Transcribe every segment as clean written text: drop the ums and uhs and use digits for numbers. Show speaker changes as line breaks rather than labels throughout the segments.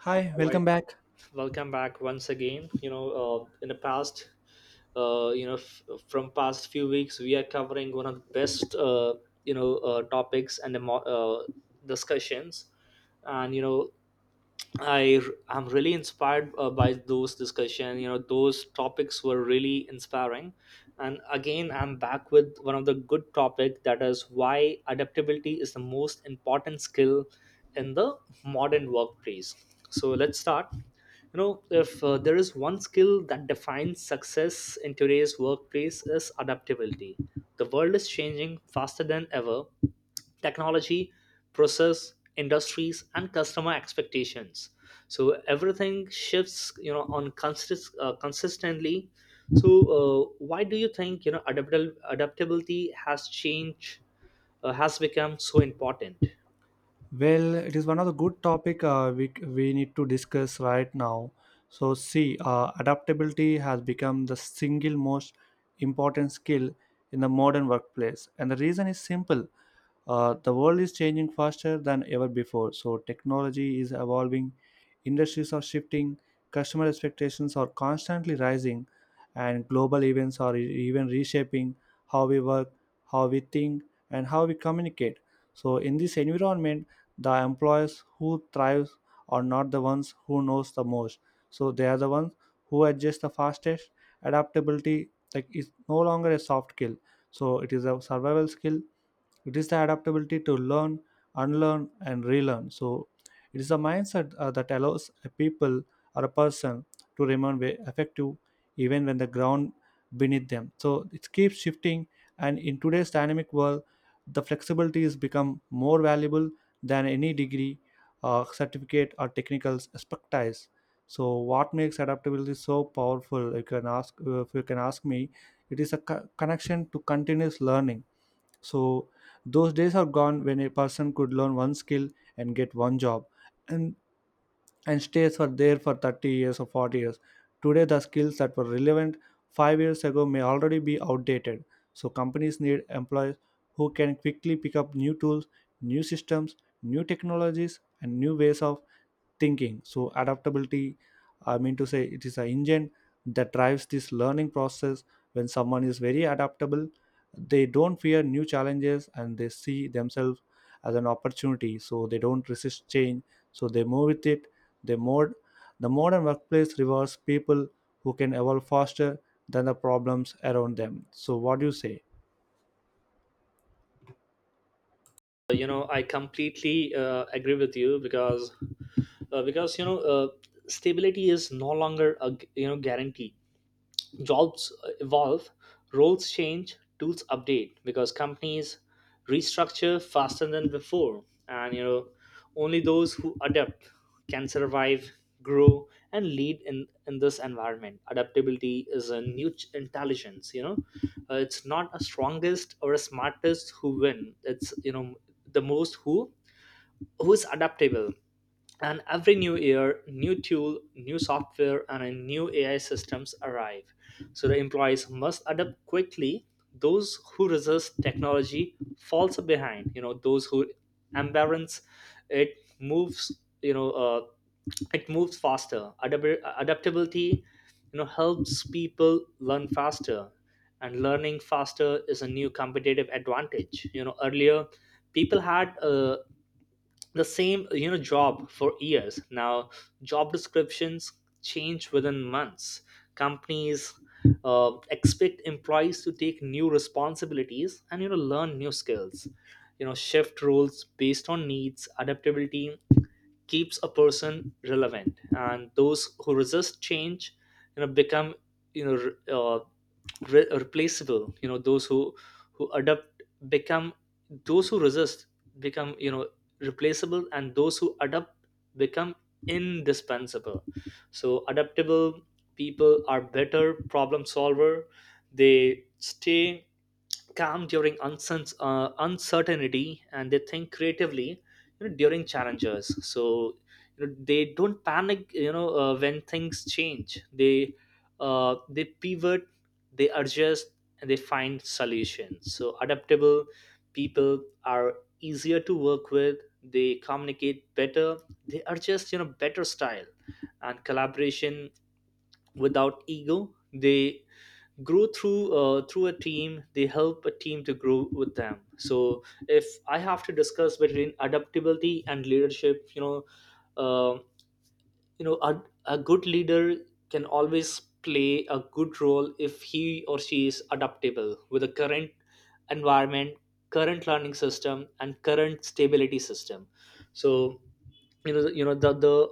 Hi,
All right,
welcome back.
welcome back once again. In the past, from past few weeks, we are covering one of the best, topics and the discussions, and I am really inspired by those discussion. Those topics were really inspiring, and again, I'm back with one of the good topic that is why adaptability is the most important skill in the modern workplace. So let's start. If there is one skill that defines success in today's workplace is adaptability. The world is changing faster than ever, technology, process, industries and customer expectations, so everything shifts on consistently. So why do you think adaptable adaptability has changed, has become so important?
Well, it is one of the good topic we need to discuss right now. So, see, adaptability has become the single most important skill in the modern workplace, and the reason is simple. The world is changing faster than ever before. So, technology is evolving, industries are shifting, customer expectations are constantly rising, and global events are even reshaping how we work, how we think, and how we communicate. So, in this environment, the employees who thrive are not the ones who knows the most, so they are the ones who adjust the fastest. Adaptability like is no longer a soft skill, so it is a survival skill. It is the adaptability to learn, unlearn, and relearn. So it is a mindset that allows a people or a person to remain effective even when the ground beneath them, so it keeps shifting. And in today's dynamic world, the flexibility has become more valuable than any degree, certificate, or technical expertise. So, what makes adaptability so powerful? You can ask if you can ask me. It is a connection to continuous learning. So, those days are gone when a person could learn one skill and get one job, and and stays for there for 30 years or 40 years. Today, the skills that were relevant 5 years ago may already be outdated. So, companies need employees who can quickly pick up new tools, new systems, new technologies, and new ways of thinking. So adaptability, I mean to say, it is an engine that drives this learning process. When someone is very adaptable, they don't fear new challenges and they see themselves as an opportunity, so they don't resist change, so they move with it. They mod the modern workplace rewards people who can evolve faster than the problems around them. So what do you say?
I completely agree with you, because uh, because you know uh, stability is no longer a guarantee. Jobs evolve, roles change, tools update because companies restructure faster than before. And only those who adapt can survive, grow, and lead in this environment. Adaptability is a new intelligence. It's not a strongest or a smartest who win. It's the most who is adaptable. And every new year, new tool, new software and a new AI systems arrive, so the employees must adapt quickly. Those who resist technology falls behind. Those who embrace it moves, you know uh, it moves faster. Adaptability helps people learn faster, and learning faster is a new competitive advantage. Earlier people had the same job for years. Now job descriptions change within months. Companies expect employees to take new responsibilities and learn new skills, shift roles based on needs. Adaptability keeps a person relevant, and those who resist change become you know re- uh, replaceable. Those who adapt become, those who resist become replaceable, and those who adapt become indispensable. So adaptable people are better problem solver. They stay calm during uncertainty and they think creatively, during challenges. So they don't panic. When things change, they pivot, they adjust and they find solutions. So adaptable people are easier to work with. They communicate better. They are just better style and collaboration without ego. They grow through a team. They help a team to grow with them. So if I have to discuss between adaptability and leadership, uh, a good leader can always play a good role if he or she is adaptable with the current environment, current learning system and current stability system. So the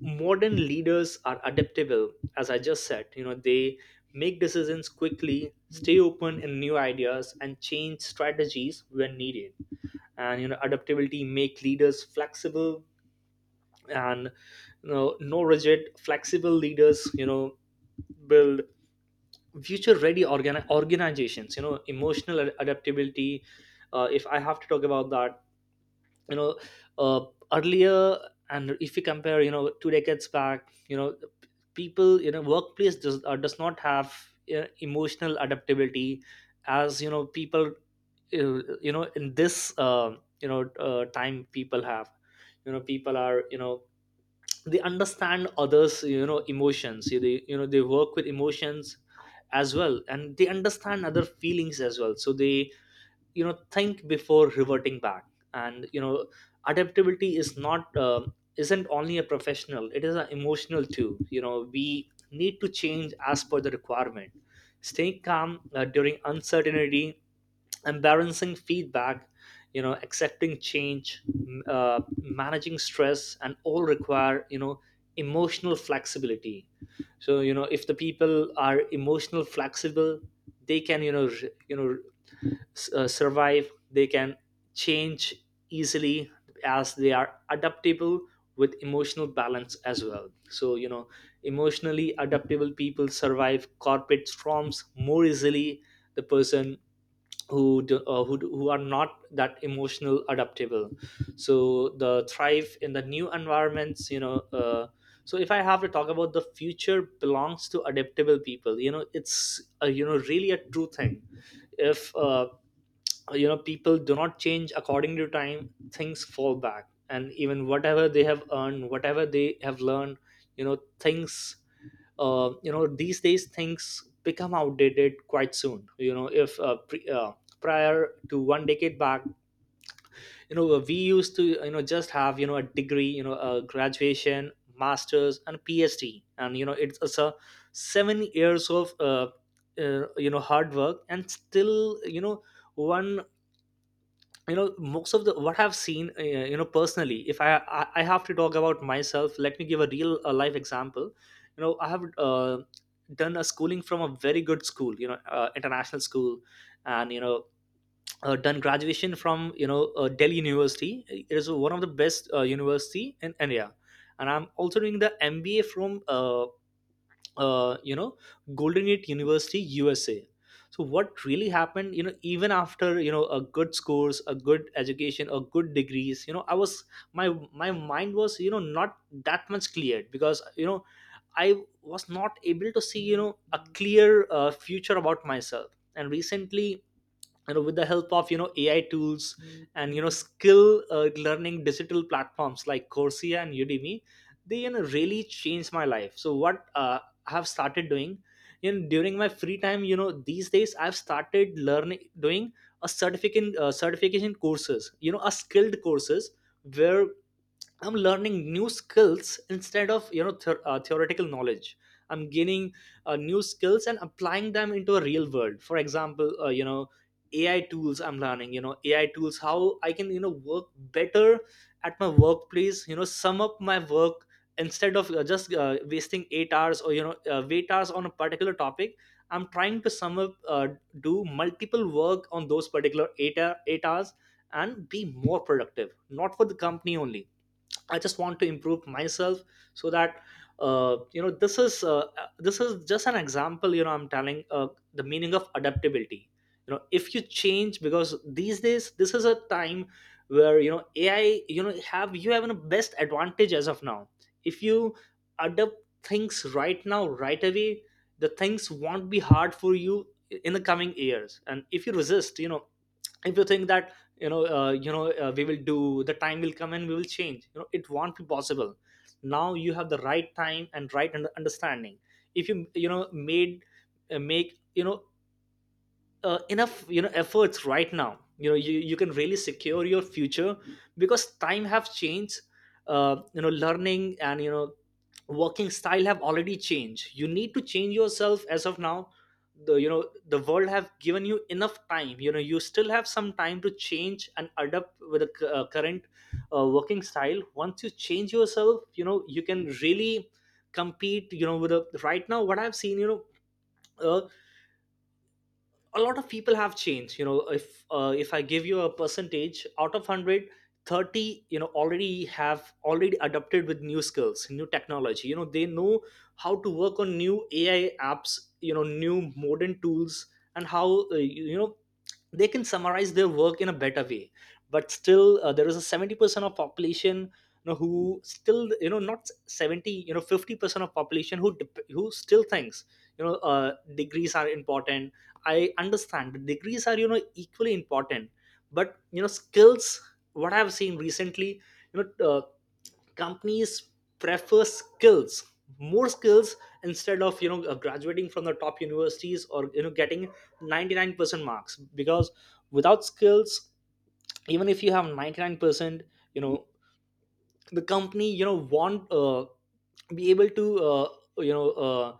modern leaders are adaptable. As I just said, they make decisions quickly, stay open in new ideas and change strategies when needed. And adaptability make leaders flexible, and no rigid flexible leaders build future ready organizations. Emotional adaptability, if I have to talk about that, you know uh, earlier, and if you compare, 2 decades back, people, workplace does not have emotional adaptability. As people, in this time people have, people are, they understand others, emotions, they, they work with emotions as well and they understand other feelings as well. So they, think before reverting back. And adaptability is not isn't only a professional, it is an emotional too. We need to change as per the requirement. Staying calm during uncertainty, embarrassing feedback, accepting change, managing stress and all require, emotional flexibility. So, if the people are emotional flexible, they can, survive. They can change easily as they are adaptable with emotional balance as well. So, emotionally adaptable people survive corporate storms more easily. The person who are not that emotional adaptable, so the thrive in the new environments. So if I have to talk about, the future belongs to adaptable people. It's a really a true thing. If people do not change according to time, things fall back and even whatever they have earned, whatever they have learned, things, these days things become outdated quite soon. If prior to one decade back, we used to, just have, a degree, a graduation, masters and PhD, and it's a 7 years of hard work, and still, one, most of the what I've seen, personally. If I have to talk about myself, let me give a real life example. I have done a schooling from a very good school, international school. And done graduation from Delhi University. It is one of the best university in India. And I'm also doing the MBA from uh, you know Golden Gate University, USA. So what really happened, even after, a good scores, a good education, a good degrees, I was, my mind was, not that much cleared because I was not able to see, a clear future about myself. And recently, and with the help of, AI tools. Mm. And skill learning digital platforms like Coursera and Udemy. They really changed my life. So what, I have started doing, in during my free time, these days I've started learning, doing a certification courses, a skilled courses, where I'm learning new skills instead of, theoretical knowledge. I'm gaining new skills and applying them into a real world. For example, AI tools. I'm learning, AI tools, how I can, work better at my workplace, sum up my work. Instead of, just wasting 8 hours or, wait hours on a particular topic. I'm trying to sum up, do multiple work on those particular 8 hours and be more productive. Not for the company only, I just want to improve myself. So that, uh, you know this is uh, this is just an example. I'm telling, the meaning of adaptability. If you change, because these days, this is a time where, AI, have, you have a best advantage as of now. If you adapt things right now, right away, the things won't be hard for you in the coming years. And if you resist, if you think that, we will do, the time will come and we will change, it won't be possible. Now you have the right time and right understanding. If you, you know made make enough efforts right now, you can really secure your future, because time have changed. Learning and, working style have already changed. You need to change yourself as of now. The world have given you enough time. You still have some time to change and adapt with the current working style. Once you change yourself, you can really compete, with the right now, what I've seen, uh, a lot of people have changed. If I give you a percentage out of 100, 30, already, have already adopted with new skills, new technology. They know how to work on new AI apps, new modern tools, and how they can summarize their work in a better way. But still there is a 70% of population, who still, not 70, 50% of population, who still thinks, you know uh, degrees are important. I understand, the degrees are, equally important, but, skills, what I've seen recently, you know uh, companies prefer skills, more skills, instead of, graduating from the top universities or, getting 99% marks. Because without skills, even if you have 99%, you know the company you know want be able to you know uh,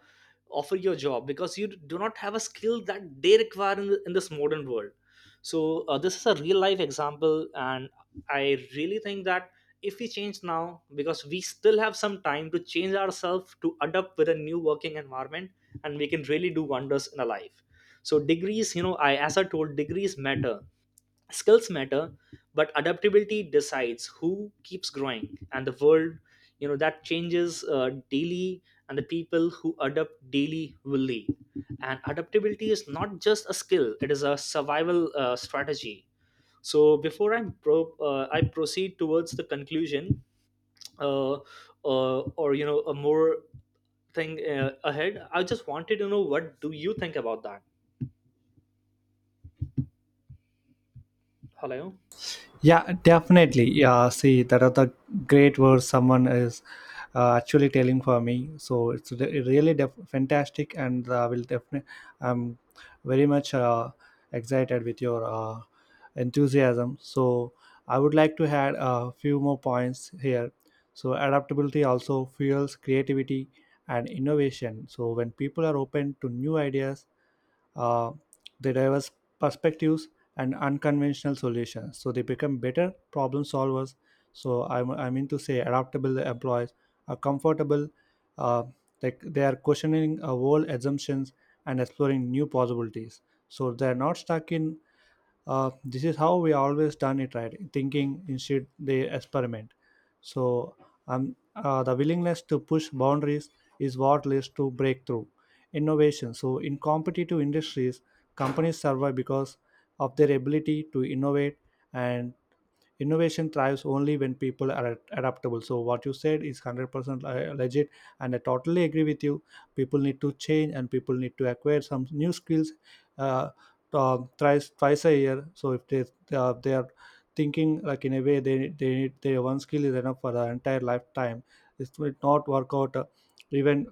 offer your job because you do not have a skill that they require in this modern world. So this is a real life example, and I really think that if we change now, because we still have some time to change ourselves to adapt with a new working environment, and we can really do wonders in our life. So degrees, you know, I as I told, degrees matter, skills matter, but adaptability decides who keeps growing. And the world, you know, that changes daily, and the people who adapt daily will lead. And adaptability is not just a skill, it is a survival strategy. So before I proceed towards the conclusion, uh, or you know a more thing ahead, I just wanted to know, what do you think about that? Hello?
Yeah, definitely. Yeah, see, that are the great words someone is actually telling for me. So it's really fantastic, and will definitely. I'm very much excited with your enthusiasm. So I would like to add a few more points here. So adaptability also fuels creativity and innovation. So when people are open to new ideas, uh, the diverse perspectives and unconventional solutions, so they become better problem solvers. I mean to say, adaptable employees are comfortable, uh, like they are questioning old assumptions and exploring new possibilities. So they're not stuck in this is how we always done it right thinking. Instead they experiment. So The willingness to push boundaries is what leads to breakthrough innovation. So in competitive industries, companies survive because of their ability to innovate, and innovation thrives only when people are adaptable. So what you said is 100% legit, and I totally agree with you. People need to change and people need to acquire some new skills, uh, thrice twice a year. So if they they are thinking like in a way, they need their one skill is enough for the entire lifetime, this will not work out, even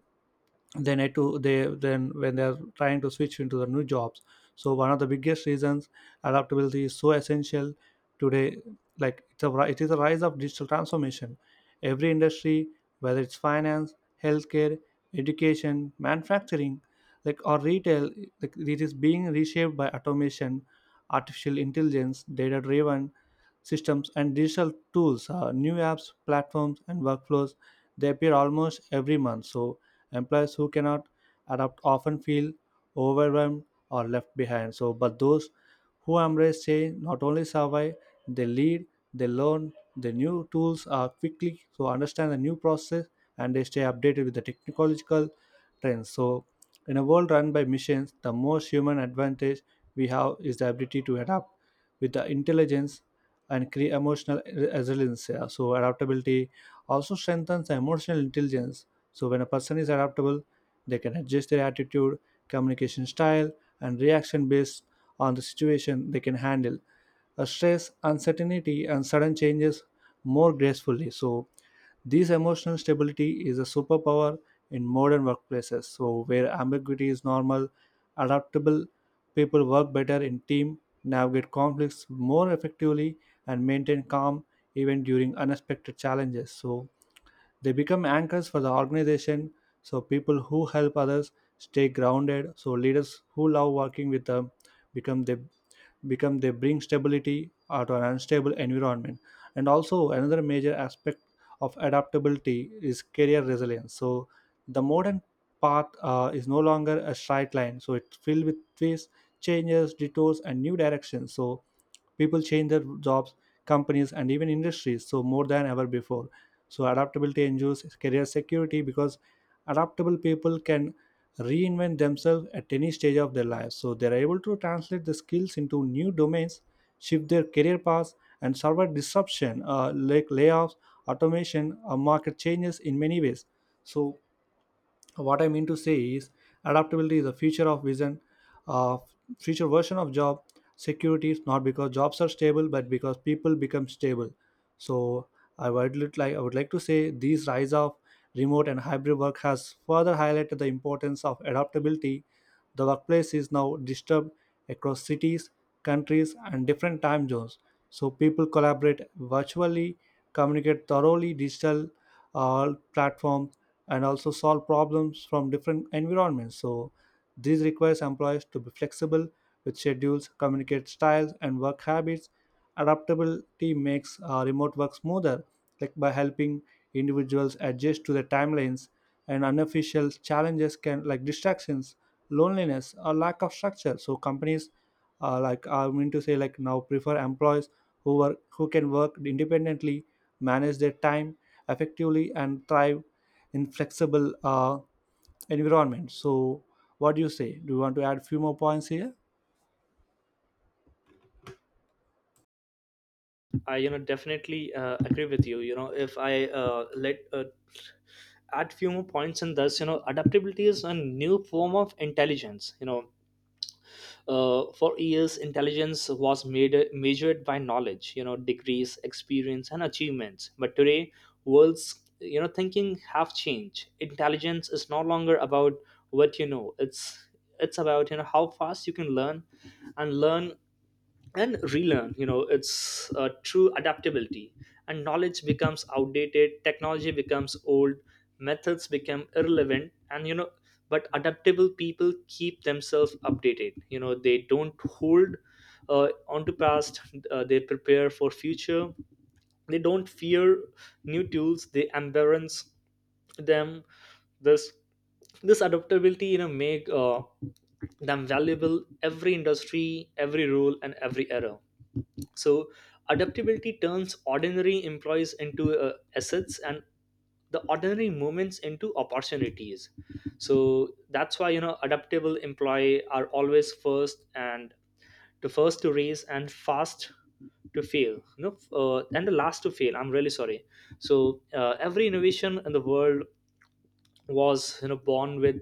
they need to, they then when they are trying to switch into the new jobs. So one of the biggest reasons adaptability is so essential today, like it's a it is a rise of digital transformation. Every industry, whether it's finance, healthcare, education, manufacturing, like, or retail, like it is being reshaped by automation, artificial intelligence, data driven systems, and digital tools, new apps, platforms, and workflows. They appear almost every month. So employees who cannot adapt often feel overwhelmed or left behind. So, but those who embrace change not only survive, they lead, they learn, the new tools are quickly so understand the new process, and they stay updated with the technological trends. So, in a world run by machines, the most human advantage we have is the ability to adapt with the intelligence and create emotional resilience. Yeah. So adaptability also strengthens emotional intelligence. So when a person is adaptable, they can adjust their attitude, communication style, and reaction based on the situation. They can handle stress, uncertainty, and sudden changes more gracefully. So this emotional stability is a superpower in modern workplaces, so where ambiguity is normal, adaptable people work better in team, navigate conflicts more effectively, and maintain calm even during unexpected challenges. So they become anchors for the organization, so people who help others stay grounded, so leaders who love working with them become the, become, they bring stability to an unstable environment. And also another major aspect of adaptability is career resilience. So the modern path is no longer a straight line, so it's filled with twists, changes, detours, and new directions. So people change their jobs, companies, and even industries so more than ever before. So adaptability ensures career security because adaptable people can reinvent themselves at any stage of their lives. So they are able to translate the skills into new domains, shift their career paths, and survive disruption, like layoffs, automation, or market changes in many ways. So what I mean to say is, adaptability is a feature of vision, uh, future version of job security is not because jobs are stable but because people become stable. So I would like to say, these rise of remote and hybrid work has further highlighted the importance of adaptability. The workplace is now disturbed across cities, countries, and different time zones. So people collaborate virtually, communicate thoroughly digital, all platforms, and also solve problems from different environments. So this requires employees to be flexible with schedules, communicate styles, and work habits. Adaptability makes remote work smoother, like by helping individuals adjust to the timelines and unofficial challenges can, like, distractions, loneliness, or lack of structure. So companies, like I mean to say, like now prefer employees who can work independently, manage their time effectively, and thrive in flexible environment. So, what do you say? Do you want to add few more points here?
I, you know, definitely agree with you. You know, if I let add few more points in this. You know, adaptability is a new form of intelligence. You know, for years, intelligence was made measured by knowledge. You know, degrees, experience, and achievements. But today, world's, you know, thinking have changed. Intelligence is no longer about what you know. It's about, you know, how fast you can learn and learn and relearn. You know, it's true adaptability. And knowledge becomes outdated, technology becomes old, methods become irrelevant, and you know, but adaptable people keep themselves updated. You know, they don't hold onto past, they prepare for future. They don't fear new tools, they embrace them. This this adaptability, you know, make them valuable every industry, every role, and every era. So adaptability turns ordinary employees into assets, and the ordinary moments into opportunities. So that's why, you know, adaptable employee are always first and to first to raise and fast to fail, no and the last to fail. I'm really sorry. So every innovation in the world was, you know,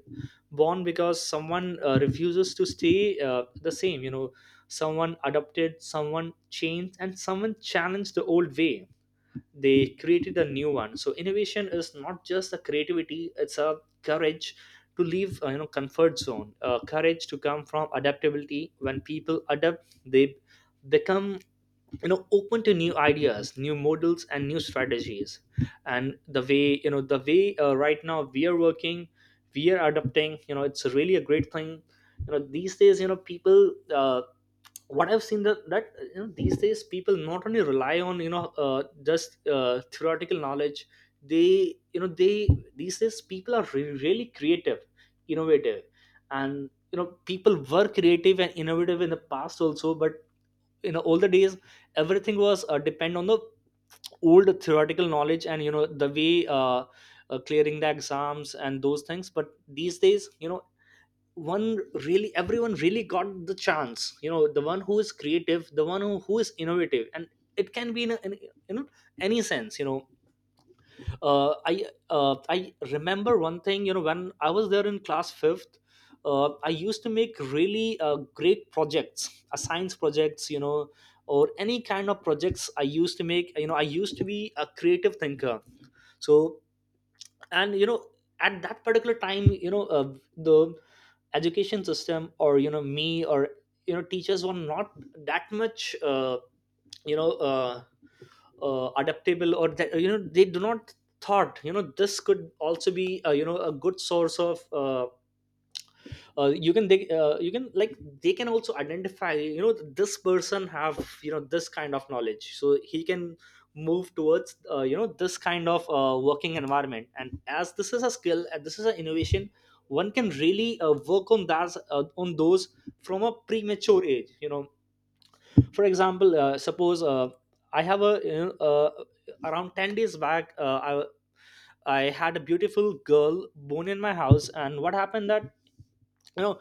born because someone refuses to stay the same. You know, someone adopted, someone changed, and someone challenged the old way. They created a new one. So innovation is not just a creativity, it's a courage to leave you know, comfort zone, courage to come from adaptability. When people adapt, they become, you know, open to new ideas, new models, and new strategies. And the way, you know, the way right now we are working, we are adapting, you know, it's really a great thing. You know, these days, you know, people what I've seen that you know, these days people not only rely on, you know, just theoretical knowledge. They you know they these days people are really creative, innovative. And you know, people were creative and innovative in the past also, but in the older days everything was depend on the old theoretical knowledge, and you know, the way clearing the exams and those things. But these days, you know, one really everyone really got the chance. You know, the one who is creative, the one who is innovative. And it can be in, you know, any sense. You know, I remember one thing, you know, when I was there in class 5th, I used to make really great projects, science projects, you know, or any kind of projects I used to make. You know, I used to be a creative thinker. So, and you know, at that particular time, you know, the education system, or you know me, or you know teachers were not that much you know uh, adaptable. Or you know, they do not thought, you know, this could also be, you know, a good source of you can they you can, like, they can also identify, you know, this person have, you know, this kind of knowledge, so he can move towards, you know, this kind of working environment. And as this is a skill and this is an innovation, one can really work on that on those from a premature age. You know, for example, suppose, I have a you know, around 10 days back, I had a beautiful girl born in my house. And what happened that, you know,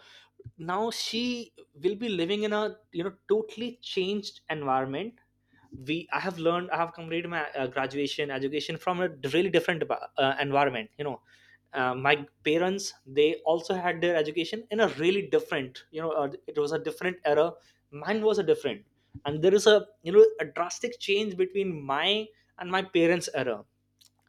now she will be living in a, you know, totally changed environment. We I have learned, I have completed my graduation education from a really different environment. You know, my parents, they also had their education in a really different, you know, it was a different era, mine was a different. And there is a, you know, a drastic change between my and my parents era.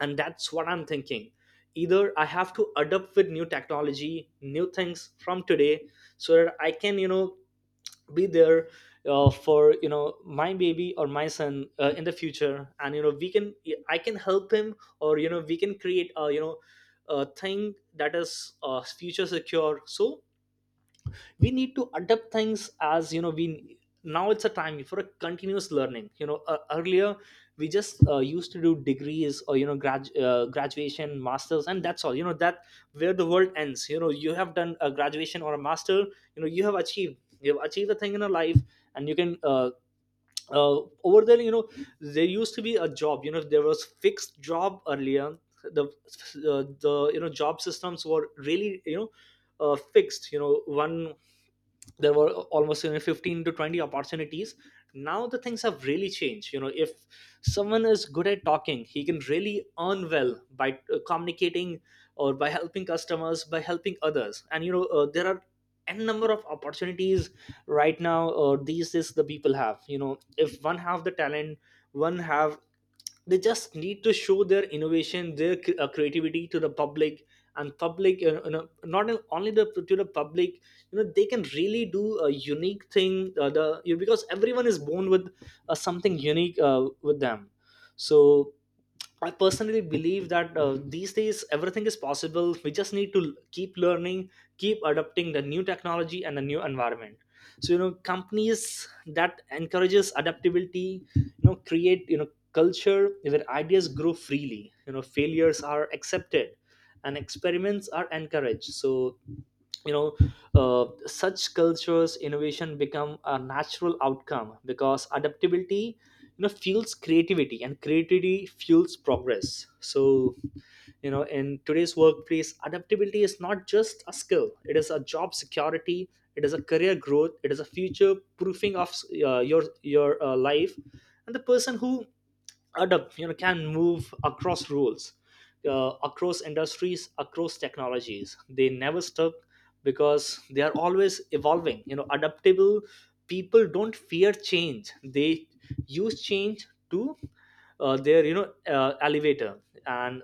And that's what I'm thinking: either I have to adapt with new technology, new things from today, so that I can, you know, be there for, you know, my baby or my son in the future. And you know, we can I can help him, or you know, we can create a, you know, a thing that is future secure. So we need to adapt things, as you know, we now it's a time for a continuous learning. You know, earlier we just used to do degrees, or you know, graduation, masters, and that's all. You know, that where the world ends. You know, you have done a graduation or a master, you know, you have achieved, you have achieved a thing in your life. And you can over there, you know, there used to be a job. You know, there was fixed job earlier. The you know, job systems were really, you know, fixed. You know, one there were almost, you know, 15 to 20 opportunities. Now the things have really changed. You know, if someone is good at talking, he can really earn well by communicating, or by helping customers, by helping others. And you know, there are n number of opportunities right now. Or these is the people have, you know, if one have the talent, one have, they just need to show their innovation, their creativity to the public. And public, you know, not only the to the public, you know, they can really do a unique thing. The you Because everyone is born with something unique with them. So I personally believe that, these days, everything is possible. We just need to keep learning, keep adopting the new technology and the new environment. So you know, companies that encourages adaptability, you know, create, you know, culture where ideas grow freely. You know, failures are accepted, and experiments are encouraged. So you know, such cultures innovation become a natural outcome, because adaptability, you know, fuels creativity, and creativity fuels progress. So you know, in today's workplace, adaptability is not just a skill, it is a job security, it is a career growth, it is a future proofing of your life. And the person who adapt, you know, can move across roles, across industries, across technologies. They never stop, because they are always evolving. You know, adaptable people don't fear change, they use change to their, you know, elevator. And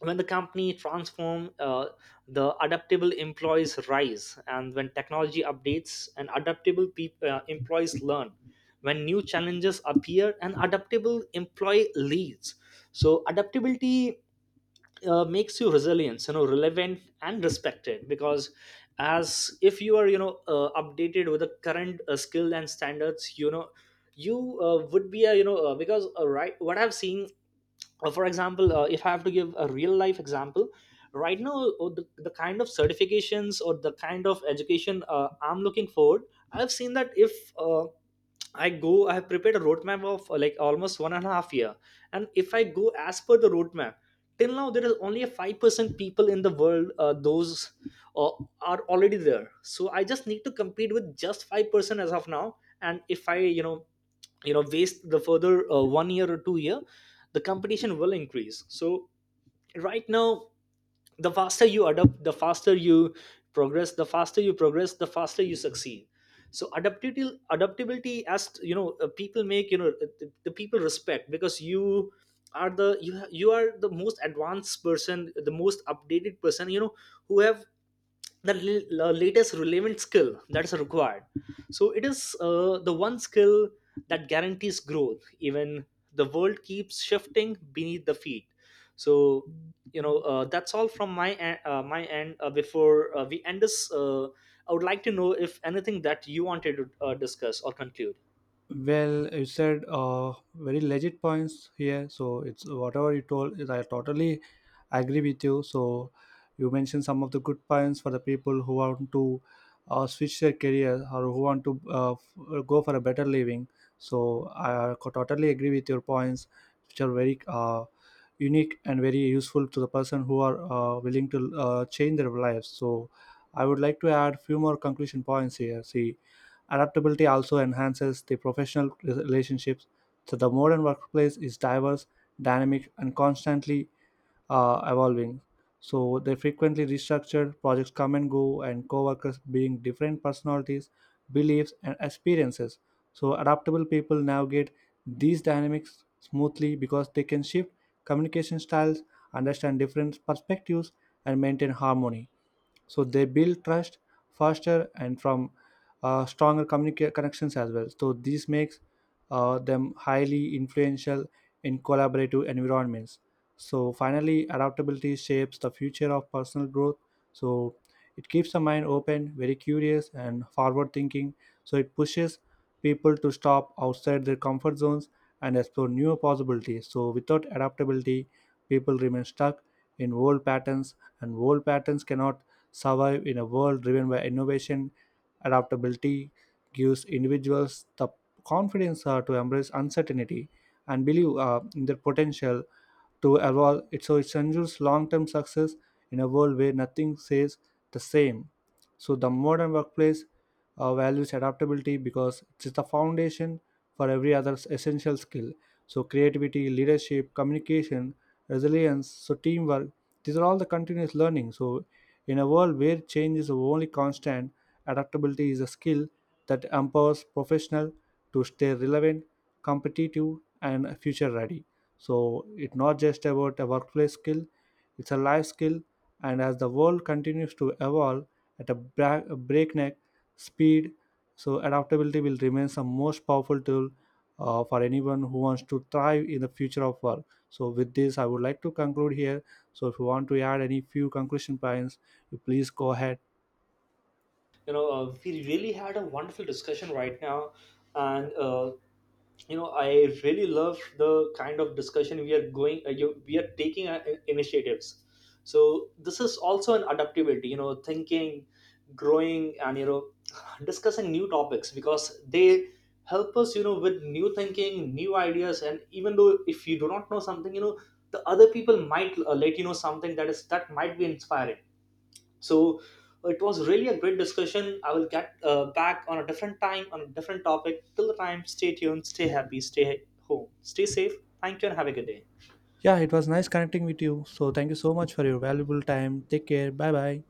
when the company transform, the adaptable employees rise. And when technology updates, and adaptable employees learn, when new challenges appear, an adaptable employee leads. So adaptability makes you resilient, you know, relevant and respected. Because as if you are, you know, updated with the current skill and standards. You know, you would be a, you know, because right, what I've seen, for example, if I have to give a real life example. Right now, the kind of certifications or the kind of education I'm looking forward, I've seen that if uh, I go, I have prepared a roadmap of like almost 1.5 years. And if I go as per the roadmap, till now there is only a 5% people in the world those uh, are already there. So I just need to compete with just 5% as of now. And if i, you know, you know, waste the further 1 year or 2 years, the competition will increase. So right now, the faster you adapt, the faster you progress, the faster you progress, the faster you succeed. So adaptability, as you know, people make, you know, the people respect, because you are the you are the most advanced person, the most updated person. You know, who have the latest relevant skill that's required. So it is the one skill that guarantees growth, even the world keeps shifting beneath the feet. So you know, that's all from my end. Before we end this, I would like to know if anything that you wanted to discuss or conclude.
Well, you said very legit points here. So it's whatever you told is, I totally agree with you. So you mentioned some of the good points for the people who want to switch their career or who want to go for a better living. So I totally agree with your points, which are very unique and very useful to the person who are willing to change their lives. So I would like to add few more conclusion points here. See, adaptability also enhances the professional relationships. So the modern workplace is diverse, dynamic, and constantly evolving. So they frequently restructured projects come and go, and coworkers being different personalities, beliefs, and experiences. So adaptable people navigate these dynamics smoothly because they can shift communication styles, understand different perspectives, and maintain harmony. So they build trust faster and from stronger connections as well. So this makes them highly influential in collaborative environments. So finally, adaptability shapes the future of personal growth. So it keeps the mind open, very curious, and forward thinking. So it pushes people to stop outside their comfort zones and explore new possibilities. So, without adaptability, people remain stuck in old patterns, and old patterns cannot survive in a world driven by innovation. Adaptability gives individuals the confidence to embrace uncertainty and believe in their potential to evolve. It, so, it ensures long term success in a world where nothing stays the same. So the modern workplace values adaptability because it's the foundation for every other essential skill. So, creativity, leadership, communication, resilience, so teamwork, these are all the continuous learning. So, in a world where change is the only constant, adaptability is a skill that empowers professional to stay relevant, competitive, and future ready. So, it's not just about a workplace skill, it's a life skill, and as the world continues to evolve at a a breakneck speed, so adaptability will remain the most powerful tool for anyone who wants to thrive in the future of work. So, with this, I would like to conclude here. So, if you want to add any few conclusion points, you please go ahead.
You know, we really had a wonderful discussion right now. And you know, I really love the kind of discussion we are going, we are taking initiatives. So this is also an adaptability, you know, thinking, growing, and you know, discussing new topics. Because they help us, you know, with new thinking, new ideas. And even though if you do not know something, you know, the other people might let you know something that is that might be inspiring. So it was really a great discussion. I will get back on a different time, on a different topic. Till the time, stay tuned, stay happy, stay home, stay safe. Thank you, and have a good day.
Yeah, it was nice connecting with you. So, thank you so much for your valuable time. Take care. Bye bye.